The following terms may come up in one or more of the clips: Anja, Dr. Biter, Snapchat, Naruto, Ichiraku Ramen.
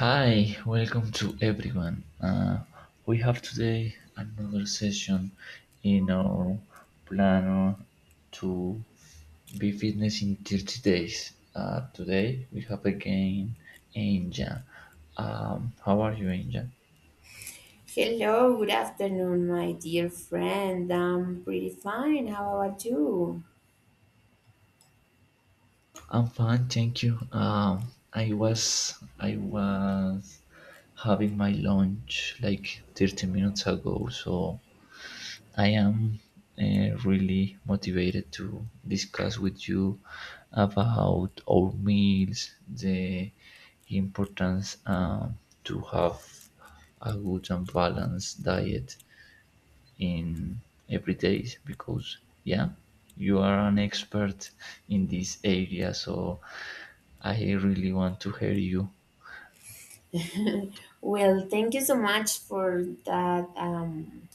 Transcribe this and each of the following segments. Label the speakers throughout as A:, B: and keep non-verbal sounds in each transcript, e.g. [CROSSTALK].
A: Hi, welcome to everyone. We have today another session in our plan to be fitness in 30 days. Today we have again Anja. How are you, Anja?
B: Hello, good afternoon, my dear friend. I'm pretty fine. How about you?
A: I'm fine, thank you. I was I was having my lunch like 30 minutes ago, so I am really motivated to discuss with you about our meals, the importance to have a good and balanced diet in every day because yeah, you are an expert in this area, so I really want to hear you.
B: [LAUGHS] Well, thank you so much for that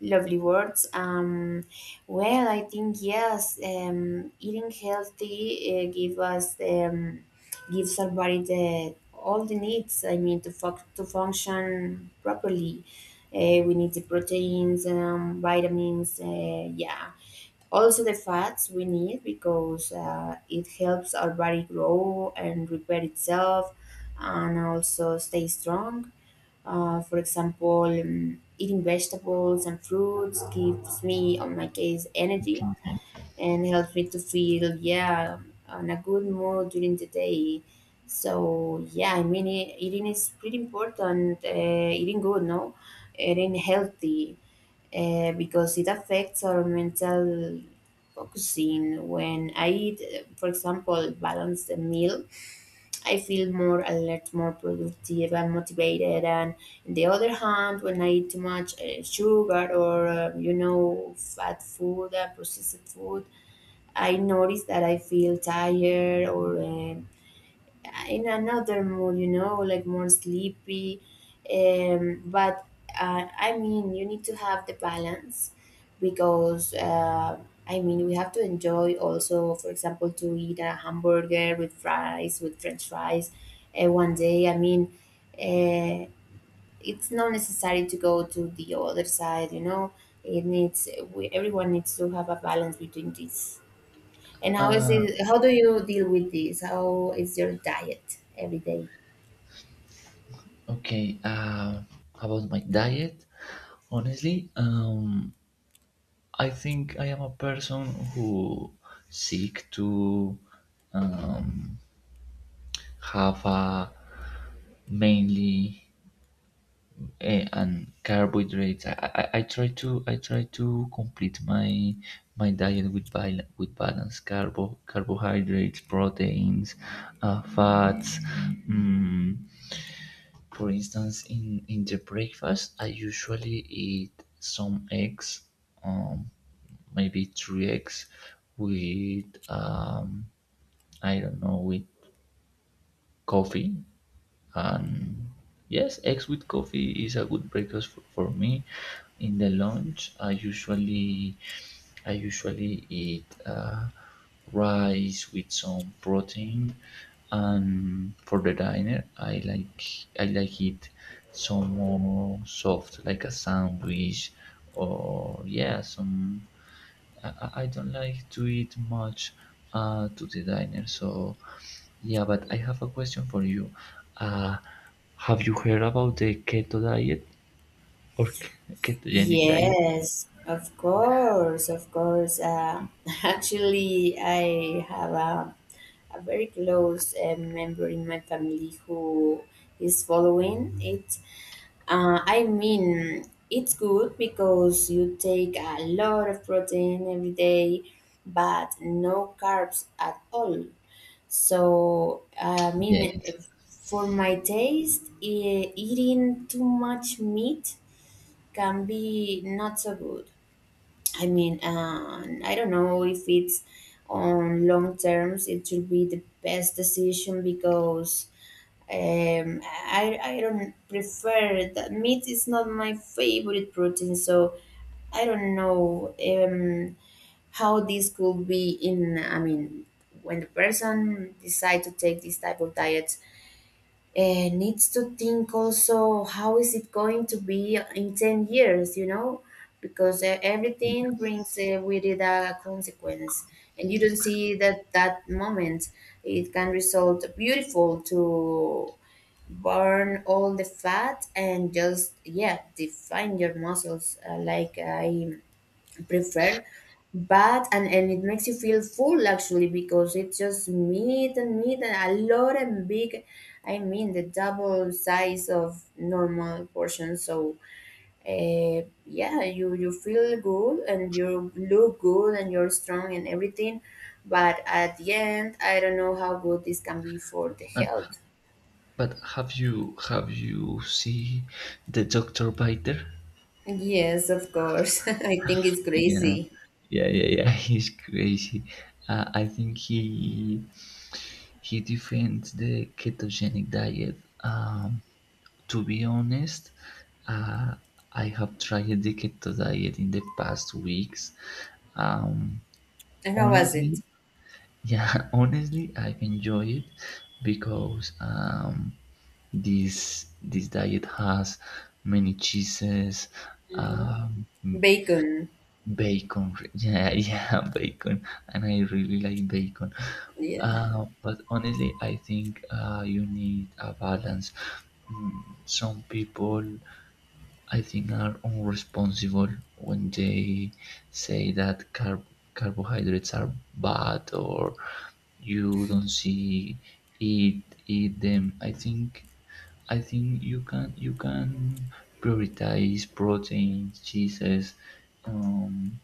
B: lovely words. Well, I think yes, eating healthy give us gives our body the all the needs. I mean, to function properly, we need the proteins, vitamins. Yeah, also, the fats we need because it helps our body grow and repair itself and also stay strong. For example, eating vegetables and fruits gives me, on my case, energy
A: Okay,
B: and helps me to feel, yeah, on a good mood during the day. So, yeah, I mean, eating is pretty important. Eating good, no? Eating healthy because it affects our mental focusing. When I eat, for example, balanced meal, I feel more alert, more productive, and motivated. And on the other hand, when I eat too much sugar or you know fat food, processed food, I notice that I feel tired or in another mood, you know, like more sleepy. But I mean, you need to have the balance because I mean, we have to enjoy also, for example, to eat a hamburger with fries, with French fries, one day. I mean, uh, it's not necessary to go to the other side, you know. It needs we, everyone needs to have a balance between these. And how is it? How do you deal with this? How is your diet every day?
A: okay. About my diet, honestly, I think I am a person who seek to um, have a mainly and carbohydrates. I try to complete my diet with with balanced carbohydrates, proteins, fats. Mm, for instance, in the breakfast, I usually eat some eggs. Um, maybe three eggs with I don't know, with coffee. And yes, eggs with coffee is a good breakfast for me. In the lunch, I usually eat rice with some protein, and for the diner, I like it some more soft, like a sandwich, or yeah, some. I don't like to eat much to the diner, so yeah, but I have a question for you. Uh, have you heard about the keto diet or ketogenic diet?
B: Yes, of course, of course. [LAUGHS] Actually, I have a very close member in my family who is following it. I mean, it's good because you take a lot of protein every day, but no carbs at all. So, I mean,
A: Yeah.
B: for my taste, eating too much meat can be not so good. I mean, I don't know if it's on long terms, it should be the best decision because um, I don't prefer that meat is not my favorite protein. So, I don't know. How this could be in I mean when the person decide to take this type of diet, needs to think also how is it going to be in 10 years, you know, because everything brings with it a consequence, and you don't see that that moment. It can result beautiful to burn all the fat and just, yeah, define your muscles, I prefer. But and it makes you feel full actually, because it's just meat and meat and a lot and big, I mean the double size of normal portion. So yeah, you feel good and you look good and you're strong and everything, but at the end I don't know how good this can be for the
A: And,
B: health.
A: but have you see the Dr. Biter?
B: Yes, of course. [LAUGHS] I think it's
A: Yeah.
B: crazy.
A: Yeah, yeah, yeah. [LAUGHS] He's crazy. I think he defends the ketogenic diet. Um, to be honest, uh, I have tried the keto diet in the past weeks. Um,
B: And how was it?
A: honestly, yeah, [LAUGHS] honestly, I've enjoyed it because this diet has many cheeses,
B: Mhm.
A: um, m-
B: Bacon.
A: bacon. [LAUGHS] Yeah, yeah, bacon, and I really like bacon.
B: Yeah,
A: But honestly, I think you need a balance. Some people, I think, are irresponsible when they say that carbohydrates are bad, or you don't see eat them. I think you can prioritize proteins, cheeses, um,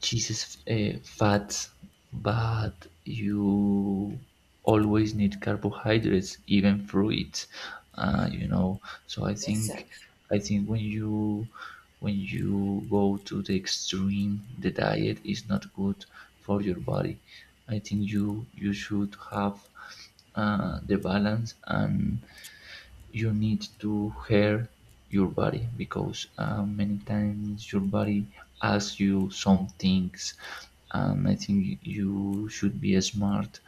A: cheese is fat, but you always need carbohydrates, even fruit. Uh, you know, so I think
B: exactly.
A: I think when you go to the extreme, the diet is not good for your body. I think you should have the balance, and you need to hear your body because many times your body asks you some things, and I think you should be smart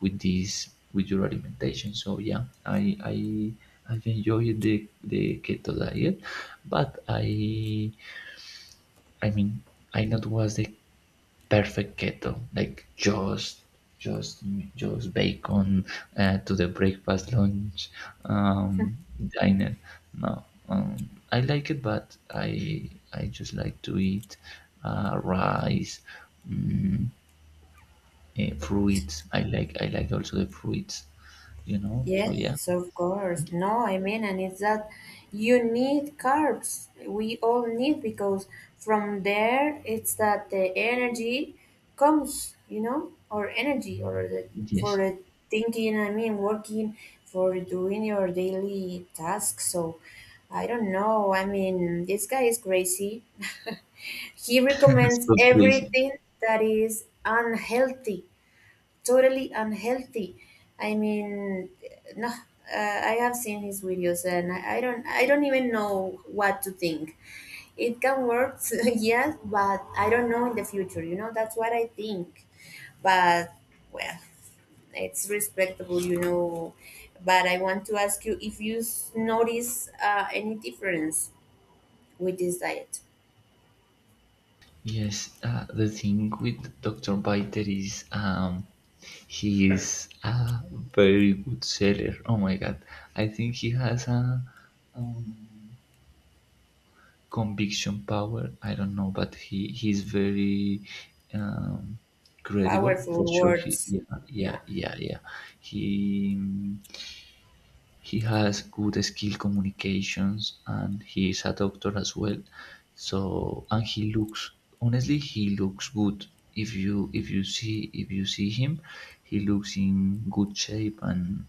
A: with this, with your alimentation. So yeah, I've enjoyed the keto diet, but I mean I not was the perfect keto, like just just bacon to the breakfast, lunch, um, diner. No, I like it, but I just like to eat rice, mm, fruits. I like also the fruits. So yeah,
B: Yes, of course. No, I mean, and it's that you need carbs. We all need, because from there it's that the energy comes, you know, or energy or the, for
A: yes.
B: the thinking, I mean, working, for doing your daily tasks. So I don't know. I mean, this guy is crazy. [LAUGHS] He
A: [LAUGHS]
B: recommends
A: So crazy.
B: everything that is unhealthy, totally unhealthy. I mean, no, I have seen his videos, and I don't even know what to think. It can work, [LAUGHS] yes, but I don't know in the future. You know, that's what I think. But, well, it's respectable, you know. But I want to ask you if you notice any difference with this diet.
A: Yes, the thing with Dr. Biter is, he is a very good seller. Oh my god, I think he has a um, conviction power. I don't know, but he's very um, credible
B: Powerful
A: for sure. He
B: words,
A: Yeah,
B: yeah.
A: yeah, yeah, yeah. He he has good skill communications, and he is a doctor as well. So, and he looks, honestly, he looks good, if you see if you see him, he looks in good shape, and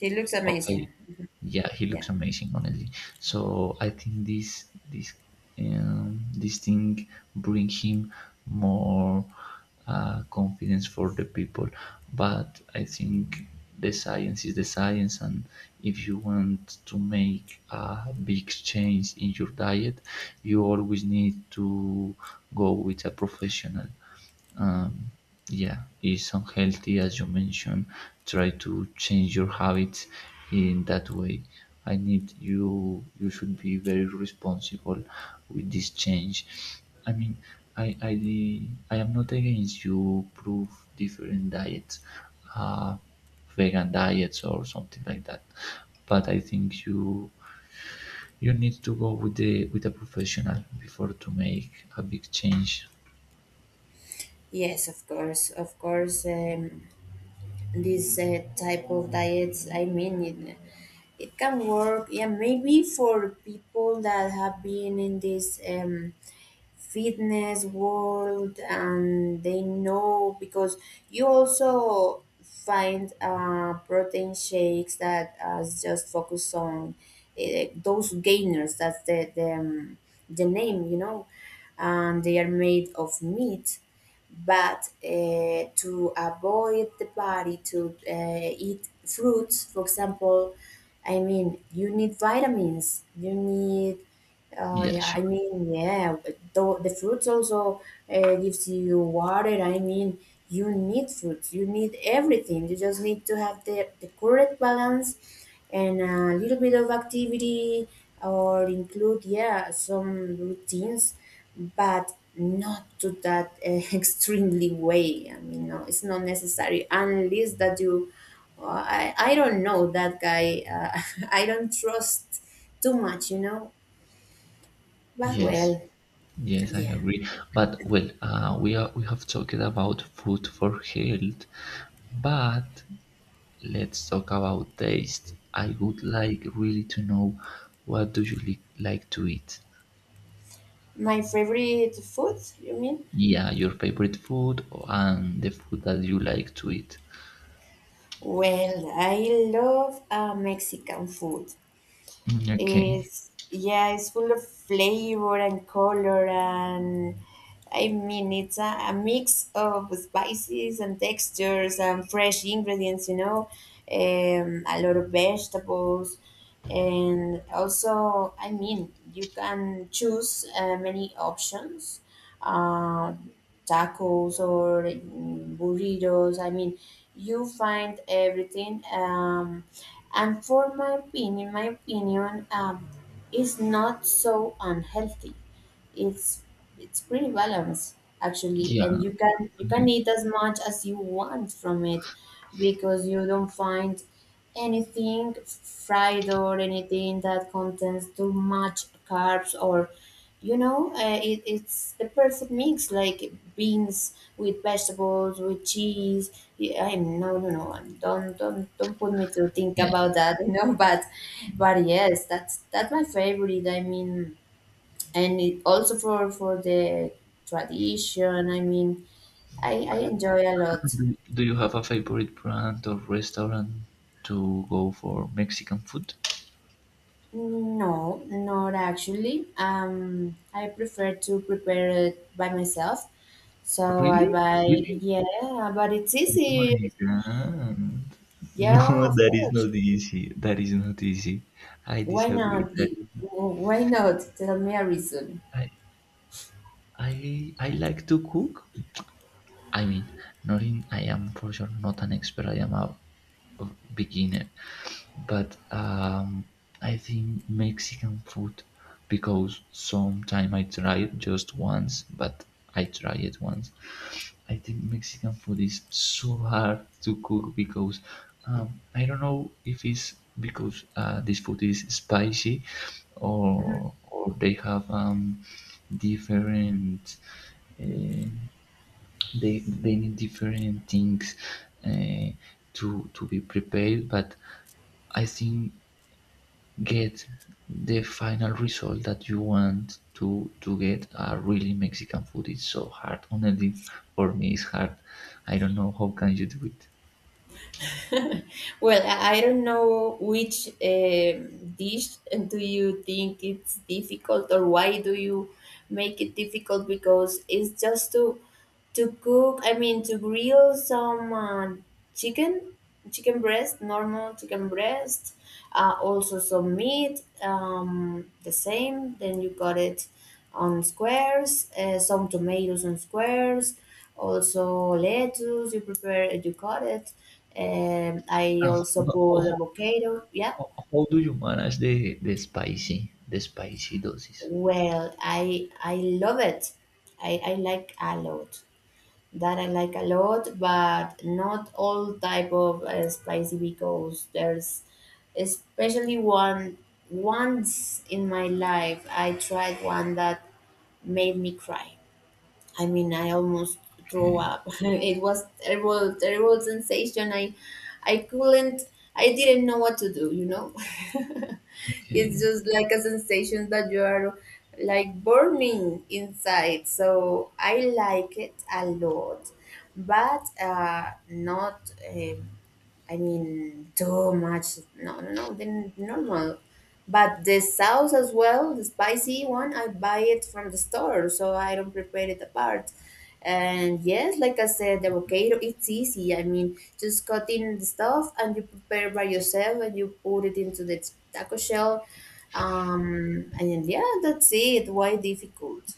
B: It looks
A: okay,
B: amazing.
A: yeah, he
B: Yeah.
A: looks amazing, honestly. So I think this thing bring him more confidence for the people. But I think the science is the science, and if you want to make a big change in your diet, you always need to go with a professional. um, yeah, is unhealthy, as you mentioned. Try to change your habits in that way. I need you, you should be very responsible with this change. I mean, i i I am not against you prove different diets, uh vegan diets or something like that, but I think you need to go with the, with a professional before to make a big change.
B: Yes, of course, of course. These type of diets, I mean it, it can work, yeah, maybe for people that have been in this fitness world, and they know because you also find protein shakes that just focus on those gainers, that's the name, you know, and they are made of meat, but to avoid the body to eat fruits, for example. I mean, you need vitamins, you need
A: Yeah,
B: yeah, I
A: sure.
B: mean, yeah, the fruits also gives you water. I mean, you need fruits. You need everything. You just need to have the correct balance and a little bit of activity, or include, yeah, some routines, but not to that [LAUGHS] extremely way. I mean, no, it's not necessary unless that you. Well, I don't know that guy. [LAUGHS] I don't trust too much, you know. But,
A: Yes.
B: well,
A: Yes, I
B: yeah.
A: agree. But well, we have talked about food for health, but let's talk about taste. I would like really to know, what do you like to eat?
B: My favorite food, you mean?
A: Yeah, your favorite food and the food that you like to eat.
B: Well, I love Mexican food.
A: Mm, okay.
B: It's, yeah, it's full of flavor and color, and I mean it's a mix of spices and textures and fresh ingredients. You know, a lot of vegetables, and also, I mean, you can choose many options, uh, tacos or mm, burritos. I mean, you find everything. And for my opinion, is not so unhealthy, it's it's pretty balanced actually,
A: Yeah,
B: and you can eat as much as you want from it, because you don't find anything fried or anything that contains too much carbs, or you know, it's the perfect mix, like beans with vegetables with cheese. Yeah, I'm no, don't put me to think
A: yeah.
B: about that, you know. [LAUGHS] But yes, that's my favorite. I mean, and it also for the tradition, I mean, I enjoy a lot.
A: Do you have a favorite brand or restaurant to go for Mexican food?
B: No, not actually. I prefer to prepare it by myself, so I
A: Really?
B: buy,
A: Really?
B: yeah, but it's
A: Oh
B: easy.
A: my god. No,
B: Yeah, of
A: that is
B: course.
A: not easy. That is not easy. I
B: Why not?
A: disagree. That is not.
B: Why not, tell me a reason.
A: I, I like to cook. I mean, not in, I am for sure not an expert. I am a beginner. But I think Mexican food, because sometime I tried just once, but I try it once. I think Mexican food is so hard to cook because I don't know if it's because this food is spicy, or they have different, uh, they need different things uh, to be prepared. But I think get the final result that you want to get a really Mexican food. It's so hard. Honestly, for me, it's hard. I don't know how can you do it.
B: Well, I don't know which dish do you think it's difficult, or why do you make it difficult, because it's just to cook. I mean, to grill some chicken, chicken breast normal chicken breast, also some meat, the same, then you cut it on squares, some tomatoes on squares, also lettuce, you prepare it, you cut it, I
A: And,
B: also
A: how,
B: put
A: how,
B: avocado, yeah.
A: how, how do you manage the spicy doses?
B: Well, I love it. I like a lot, that I like a lot, but not all type of spicy, because there's especially one. Once in my life I tried one that made me cry. I mean, I almost threw
A: Okay,
B: up. [LAUGHS] It was terrible, terrible sensation. I couldn't. I didn't know what to do. You know, [LAUGHS]
A: okay,
B: it's just like a sensation that you are like burning inside. So I like it a lot, but not. I mean, too much. No, no, no, then normal. But the sauce as well, the spicy one, I buy it from the store, so I don't prepare it apart. And yes, like I said, the avocado, it's easy. I mean, just cut in the stuff and you prepare by yourself and you put it into the taco shell. And yeah, that's it. Why difficult?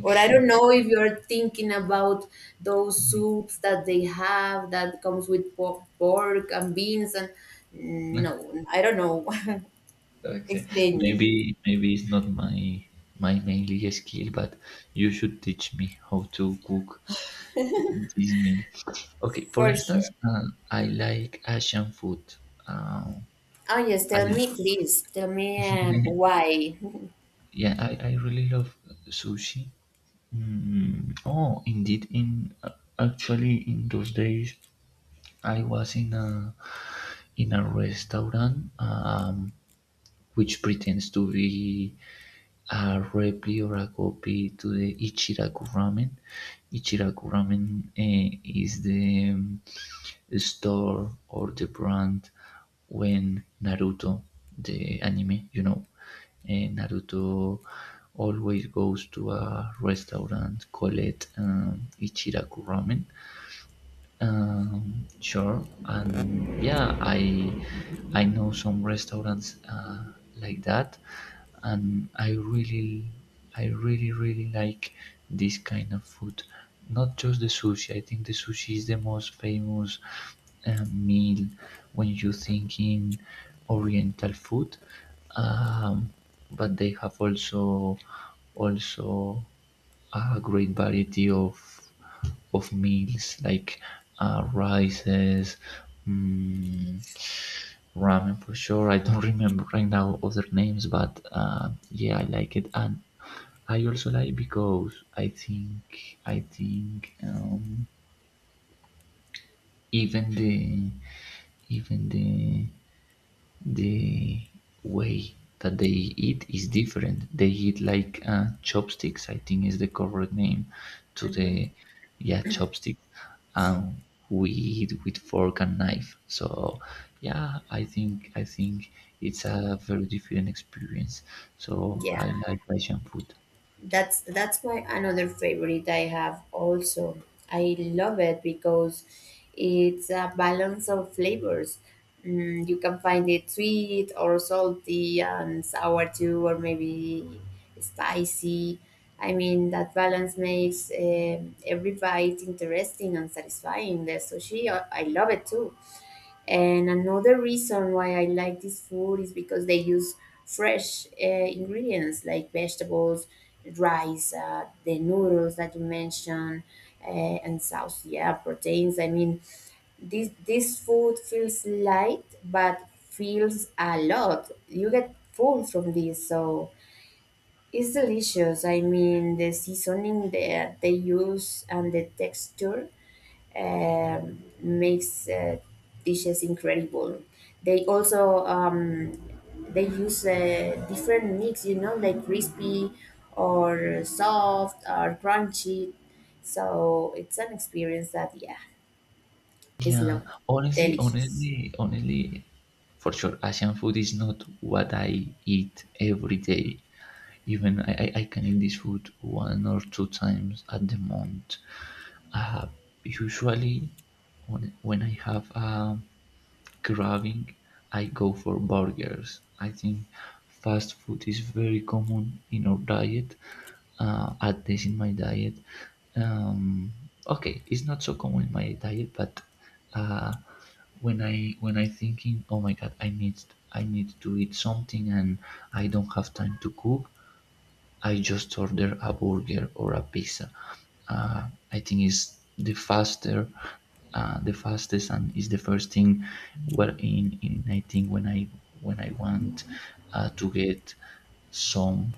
B: Or I don't know if you're thinking about those soups that they have that comes with pork and beans and no, I don't know.
A: [LAUGHS]
B: [LAUGHS]
A: Okay.
B: Explain me.
A: Maybe it's not my mainly skill, but you should teach me how to cook, please me. Okay, for
B: For sure.
A: instance, I like Asian food. Um,
B: Oh yes, tell
A: I
B: me please. Tell me
A: [LAUGHS]
B: why.
A: yeah, I really love sushi. Oh, indeed, in actually in those days, I was in a restaurant which pretends to be a recipe or a copy to the Ichiraku Ramen. Ichiraku Ramen is the store or the brand when Naruto, the anime, Naruto always goes to a restaurant called Ichiraku Ramen. Sure, and yeah, I know some restaurants like that, and I really really like this kind of food. Not just the sushi. I think the sushi is the most famous meal when you think in Oriental food. Um, but they have also a great variety of meals like rices, mm, ramen for sure. I don't [LAUGHS] remember right now other names, but yeah, I like it, and I also like because I think even even the the way that they eat is different. They eat like chopsticks, I think is the correct name to
B: Hmm.
A: the, yeah, chopsticks. Um, we eat with fork and knife. So yeah, I think it's a very different experience. So I
B: Yeah.
A: like Asian food.
B: That's my another favorite. I have also. I love it because it's a balance of flavors. Mm, you can find it sweet or salty and sour too, or maybe spicy. I mean, that balance makes every bite interesting and satisfying. The sushi, I love it too. And another reason why I like this food is because they use fresh ingredients like vegetables, rice, the noodles that you mentioned, uh, and sauce. Yeah, proteins. I mean, this food feels light, but feels a lot. You get full from this, so it's delicious. I mean, the seasoning that they use and the texture makes dishes incredible. They also they use different mix, you know, like crispy or soft or crunchy. So it's an experience that, yeah, is
A: Yeah,
B: lovely,
A: honestly,
B: delicious.
A: honestly, honestly, for sure, Asian food is not what I eat every day. Even I can eat this food one or two times at the month. Uh, usually, when I have a craving, I go for burgers. I think fast food is very common in our diet, at least in my diet. Um, okay, it's not so common in my diet, but uh, when I thinking, oh my god, I need to eat something, and I don't have time to cook. I just order a burger or a pizza. I think it's the faster, the fastest, and is the first thing. Well, in I think when I want to get some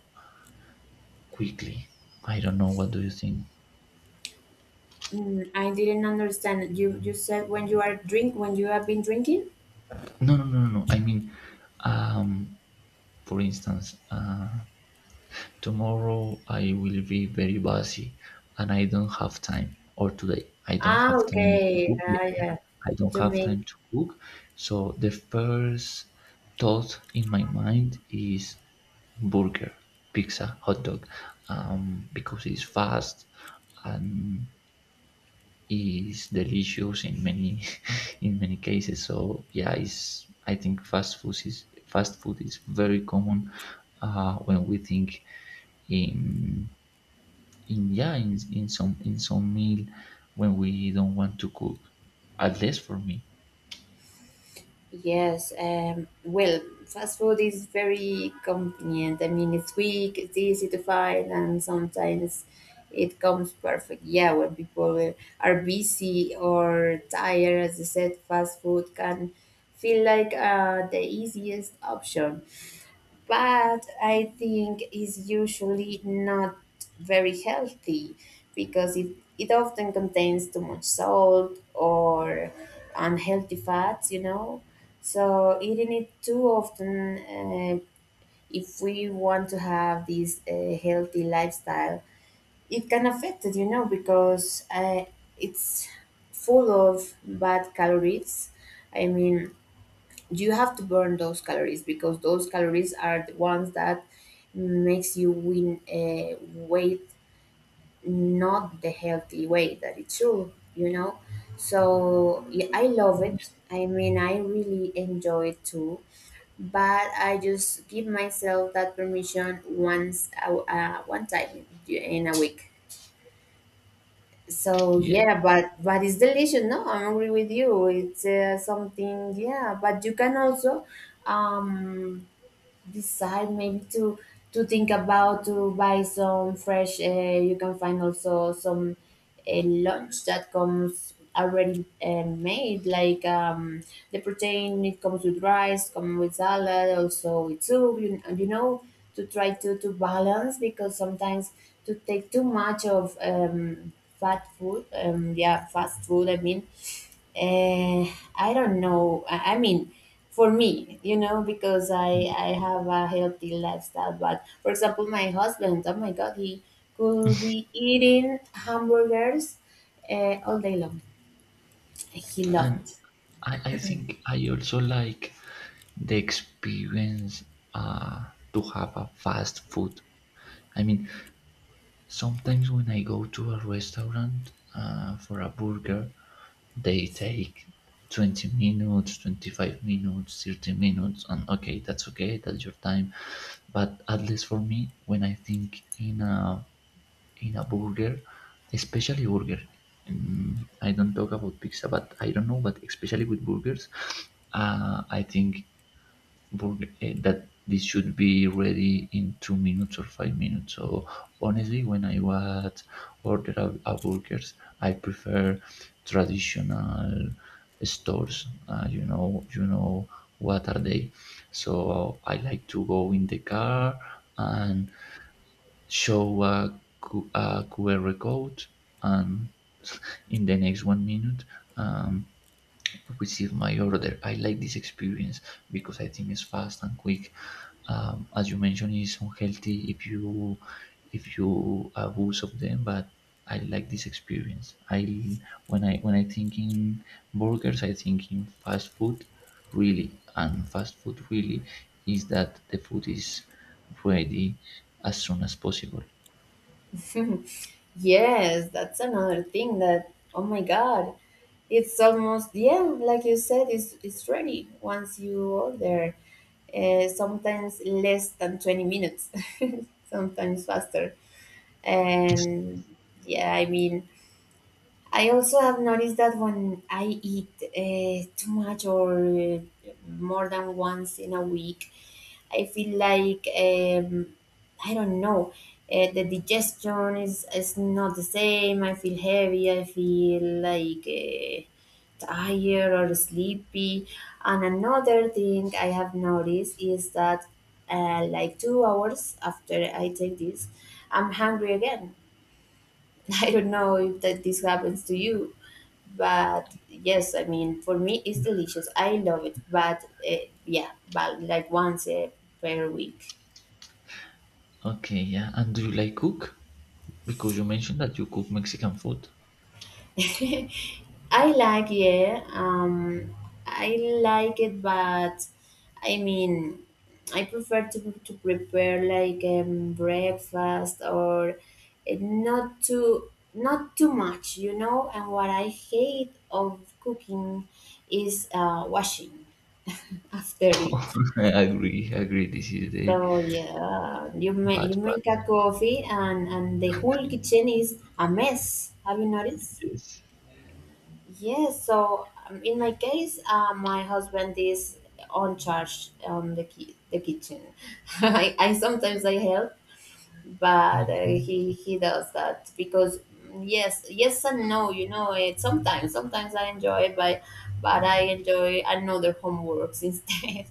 A: quickly. I don't know. What do you think?
B: Mm, I didn't understand. You said when you are drink when you have been drinking.
A: No, no, no, no, no. I mean, um, for instance. Tomorrow I will be very busy and I don't have time. Or today, I don't
B: Ah,
A: have time to
B: okay.
A: cook. Yeah,
B: Ah,
A: yeah.
B: yeah.
A: I don't
B: To
A: have
B: make.
A: time to cook. So the first thought in my mind is burger, pizza, hot dog, because it's fast and is delicious in many [LAUGHS] in many cases. So yeah, it's I think fast food is very common when we think in in yeah in some meal when we don't want to cook. At least for me.
B: Yes, well, fast food is very convenient. I mean, it's quick, it's easy to find, and sometimes it comes perfect. Yeah, when people are busy or tired, as I said, fast food can feel like the easiest option, but I think is usually not very healthy, because it often contains too much salt or unhealthy fats, you know. So eating it too often, if we want to have this healthy lifestyle, it can affect it, you know, because it's full of bad calories. I mean, you have to burn those calories because those calories are the ones that makes you win weight, not the healthy way that it should. So yeah, I love it. I mean, I really enjoy it too, but I just give myself that permission one time in a week. So
A: Yeah,
B: yeah, but it's delicious. No, I agree with you. It's something. Yeah, but you can also um decide maybe to think about to buy some fresh, you can find also some lunch that comes already made, like the protein, it comes with rice, come with salad, also with soup, you know, to try to balance, because sometimes to take too much of fat food yeah, fast food, I mean. I don't know. I mean, for me, you know, because I have a healthy lifestyle. But for example, my husband, oh my God, he could be eating hamburgers all day long. He
A: and
B: loved
A: I think I also like the experience uh, to have a fast food. I mean, sometimes when I go to a restaurant for a burger, they take 20 minutes, 25 minutes, 30 minutes, and okay, that's your time. But at least for me, when I think in a burger, especially burger, I don't talk about pizza, but I don't know, but especially with burgers, I think that this should be ready in 2 minutes or 5 minutes. So honestly, when I was order a burgers, I prefer traditional stores. You know, you know what are they? So I like to go in the car and show a QR code, and [LAUGHS] in the next 1 minute. Um, receive my order. I like this experience because I think it's fast and quick. As you mentioned, it's unhealthy if you abuse of them, but I like this experience. I When I think in burgers, I think in fast food, really, and fast food really is that the food is ready as soon as possible.
B: it. [LAUGHS] Yes, that's another thing. That, oh my God, it's almost, yeah, like you said, it's ready once you order. Sometimes less than 20 minutes, [LAUGHS] sometimes faster. And yeah, I mean, I also have noticed that when I eat too much or more than once in a week, I feel like I don't know. The digestion is not the same. I feel heavy. I feel like tired or sleepy. And another thing I have noticed is that like 2 hours after I take this, I'm hungry again. [LAUGHS] I don't know if that this happens to you, but yes, I mean, for me it's delicious. I love it, but uh, yeah, but like once per week.
A: Okay, yeah. And do you like cook? Because you mentioned that you cook Mexican food.
B: [LAUGHS] I like, yeah, I like it, but I mean, I prefer to prepare like breakfast or not too not too much, you know. And what I hate of cooking is washing after it.
A: [LAUGHS] I agree, I agree. This is the.
B: So yeah, you make
A: Bad,
B: you
A: bad.
B: make a coffee and the whole kitchen is a mess. Have you noticed?
A: Yes.
B: Yes. So in my case, my husband is on charge on the the kitchen. [LAUGHS] I sometimes I help, but
A: Okay.
B: he does that because mm, yes, yes and no. You know it. Sometimes I enjoy it, but I enjoy another homeworks [LAUGHS] instead.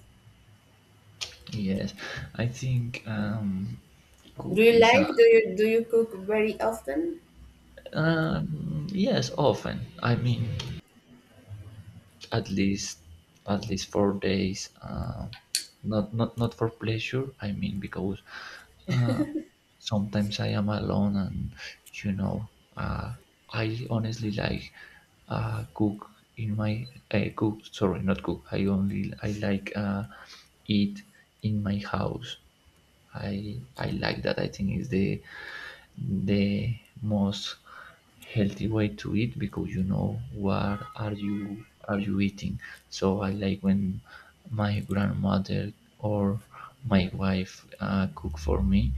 A: Yes. I think
B: Do you
A: cookies are.
B: like? Do you cook very often?
A: Yes, often. I mean, at least, at least 4 days. Not for pleasure. I mean, because uh, sometimes I am alone, and you know, uh, I honestly like cook in my cook. Sorry, not cook. I like eat in my house. I like that. I think is the most healthy way to eat because you know what are you eating. So I like when my grandmother or my wife cook for me.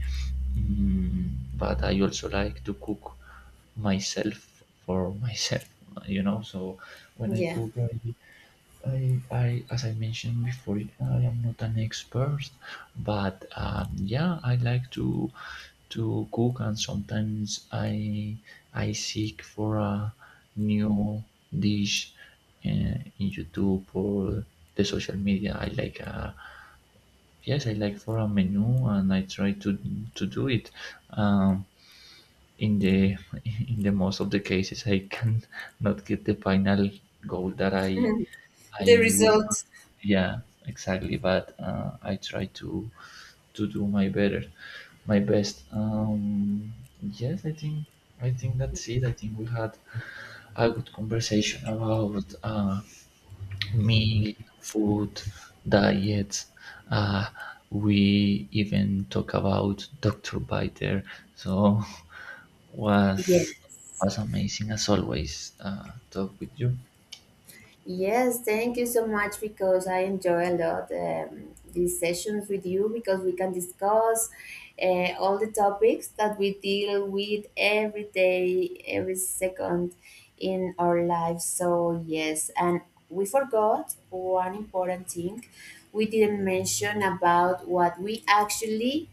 A: But I also like to cook myself for myself. You know, so when I
B: Yeah,
A: cook, as I mentioned before, I am not an expert, but yeah, I like to cook, and sometimes I seek for a new dish uh, in YouTube or the social media. I like a Yes, I like for a menu, and I try to do it. Um, in the [LAUGHS] in the most of the cases, I can [LAUGHS] not get the final goal that I
B: the
A: would,
B: result.
A: yeah, exactly. But I try to do my better, my best. Yes, I think that's it. I think we had a good conversation about meal, food, diets. Uh, we even talk about Doctor Biter. So [LAUGHS] was
B: Yeah.
A: was amazing as always. Talk with you.
B: Yes, thank you so much, because I enjoy a lot these sessions with you, because we can discuss all the topics that we deal with every day, every second in our lives. So, yes, and we forgot one important thing. We didn't mention about what we actually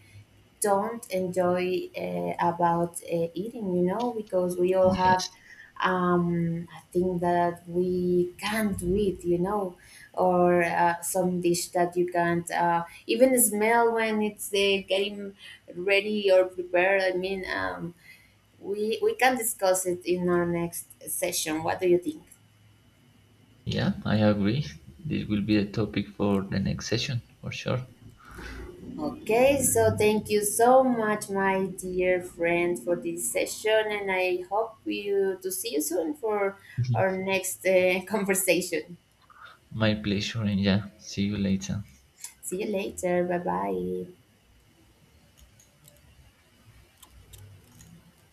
B: don't enjoy about eating, you know, because we all have
A: Yes.
B: a thing that we can't do, it you know, or some dish that you can't even smell when it's getting ready or prepared. I mean, we can discuss it in our next session. What do you think?
A: Yeah, I agree. This will be a topic for the next session for sure.
B: Okay, so thank you so much, my dear friend, for this session, and I hope you to see you soon for our
A: [LAUGHS]
B: next [LAUGHS] conversation.
A: My pleasure, and yeah, see you later.
B: See you later. Bye bye.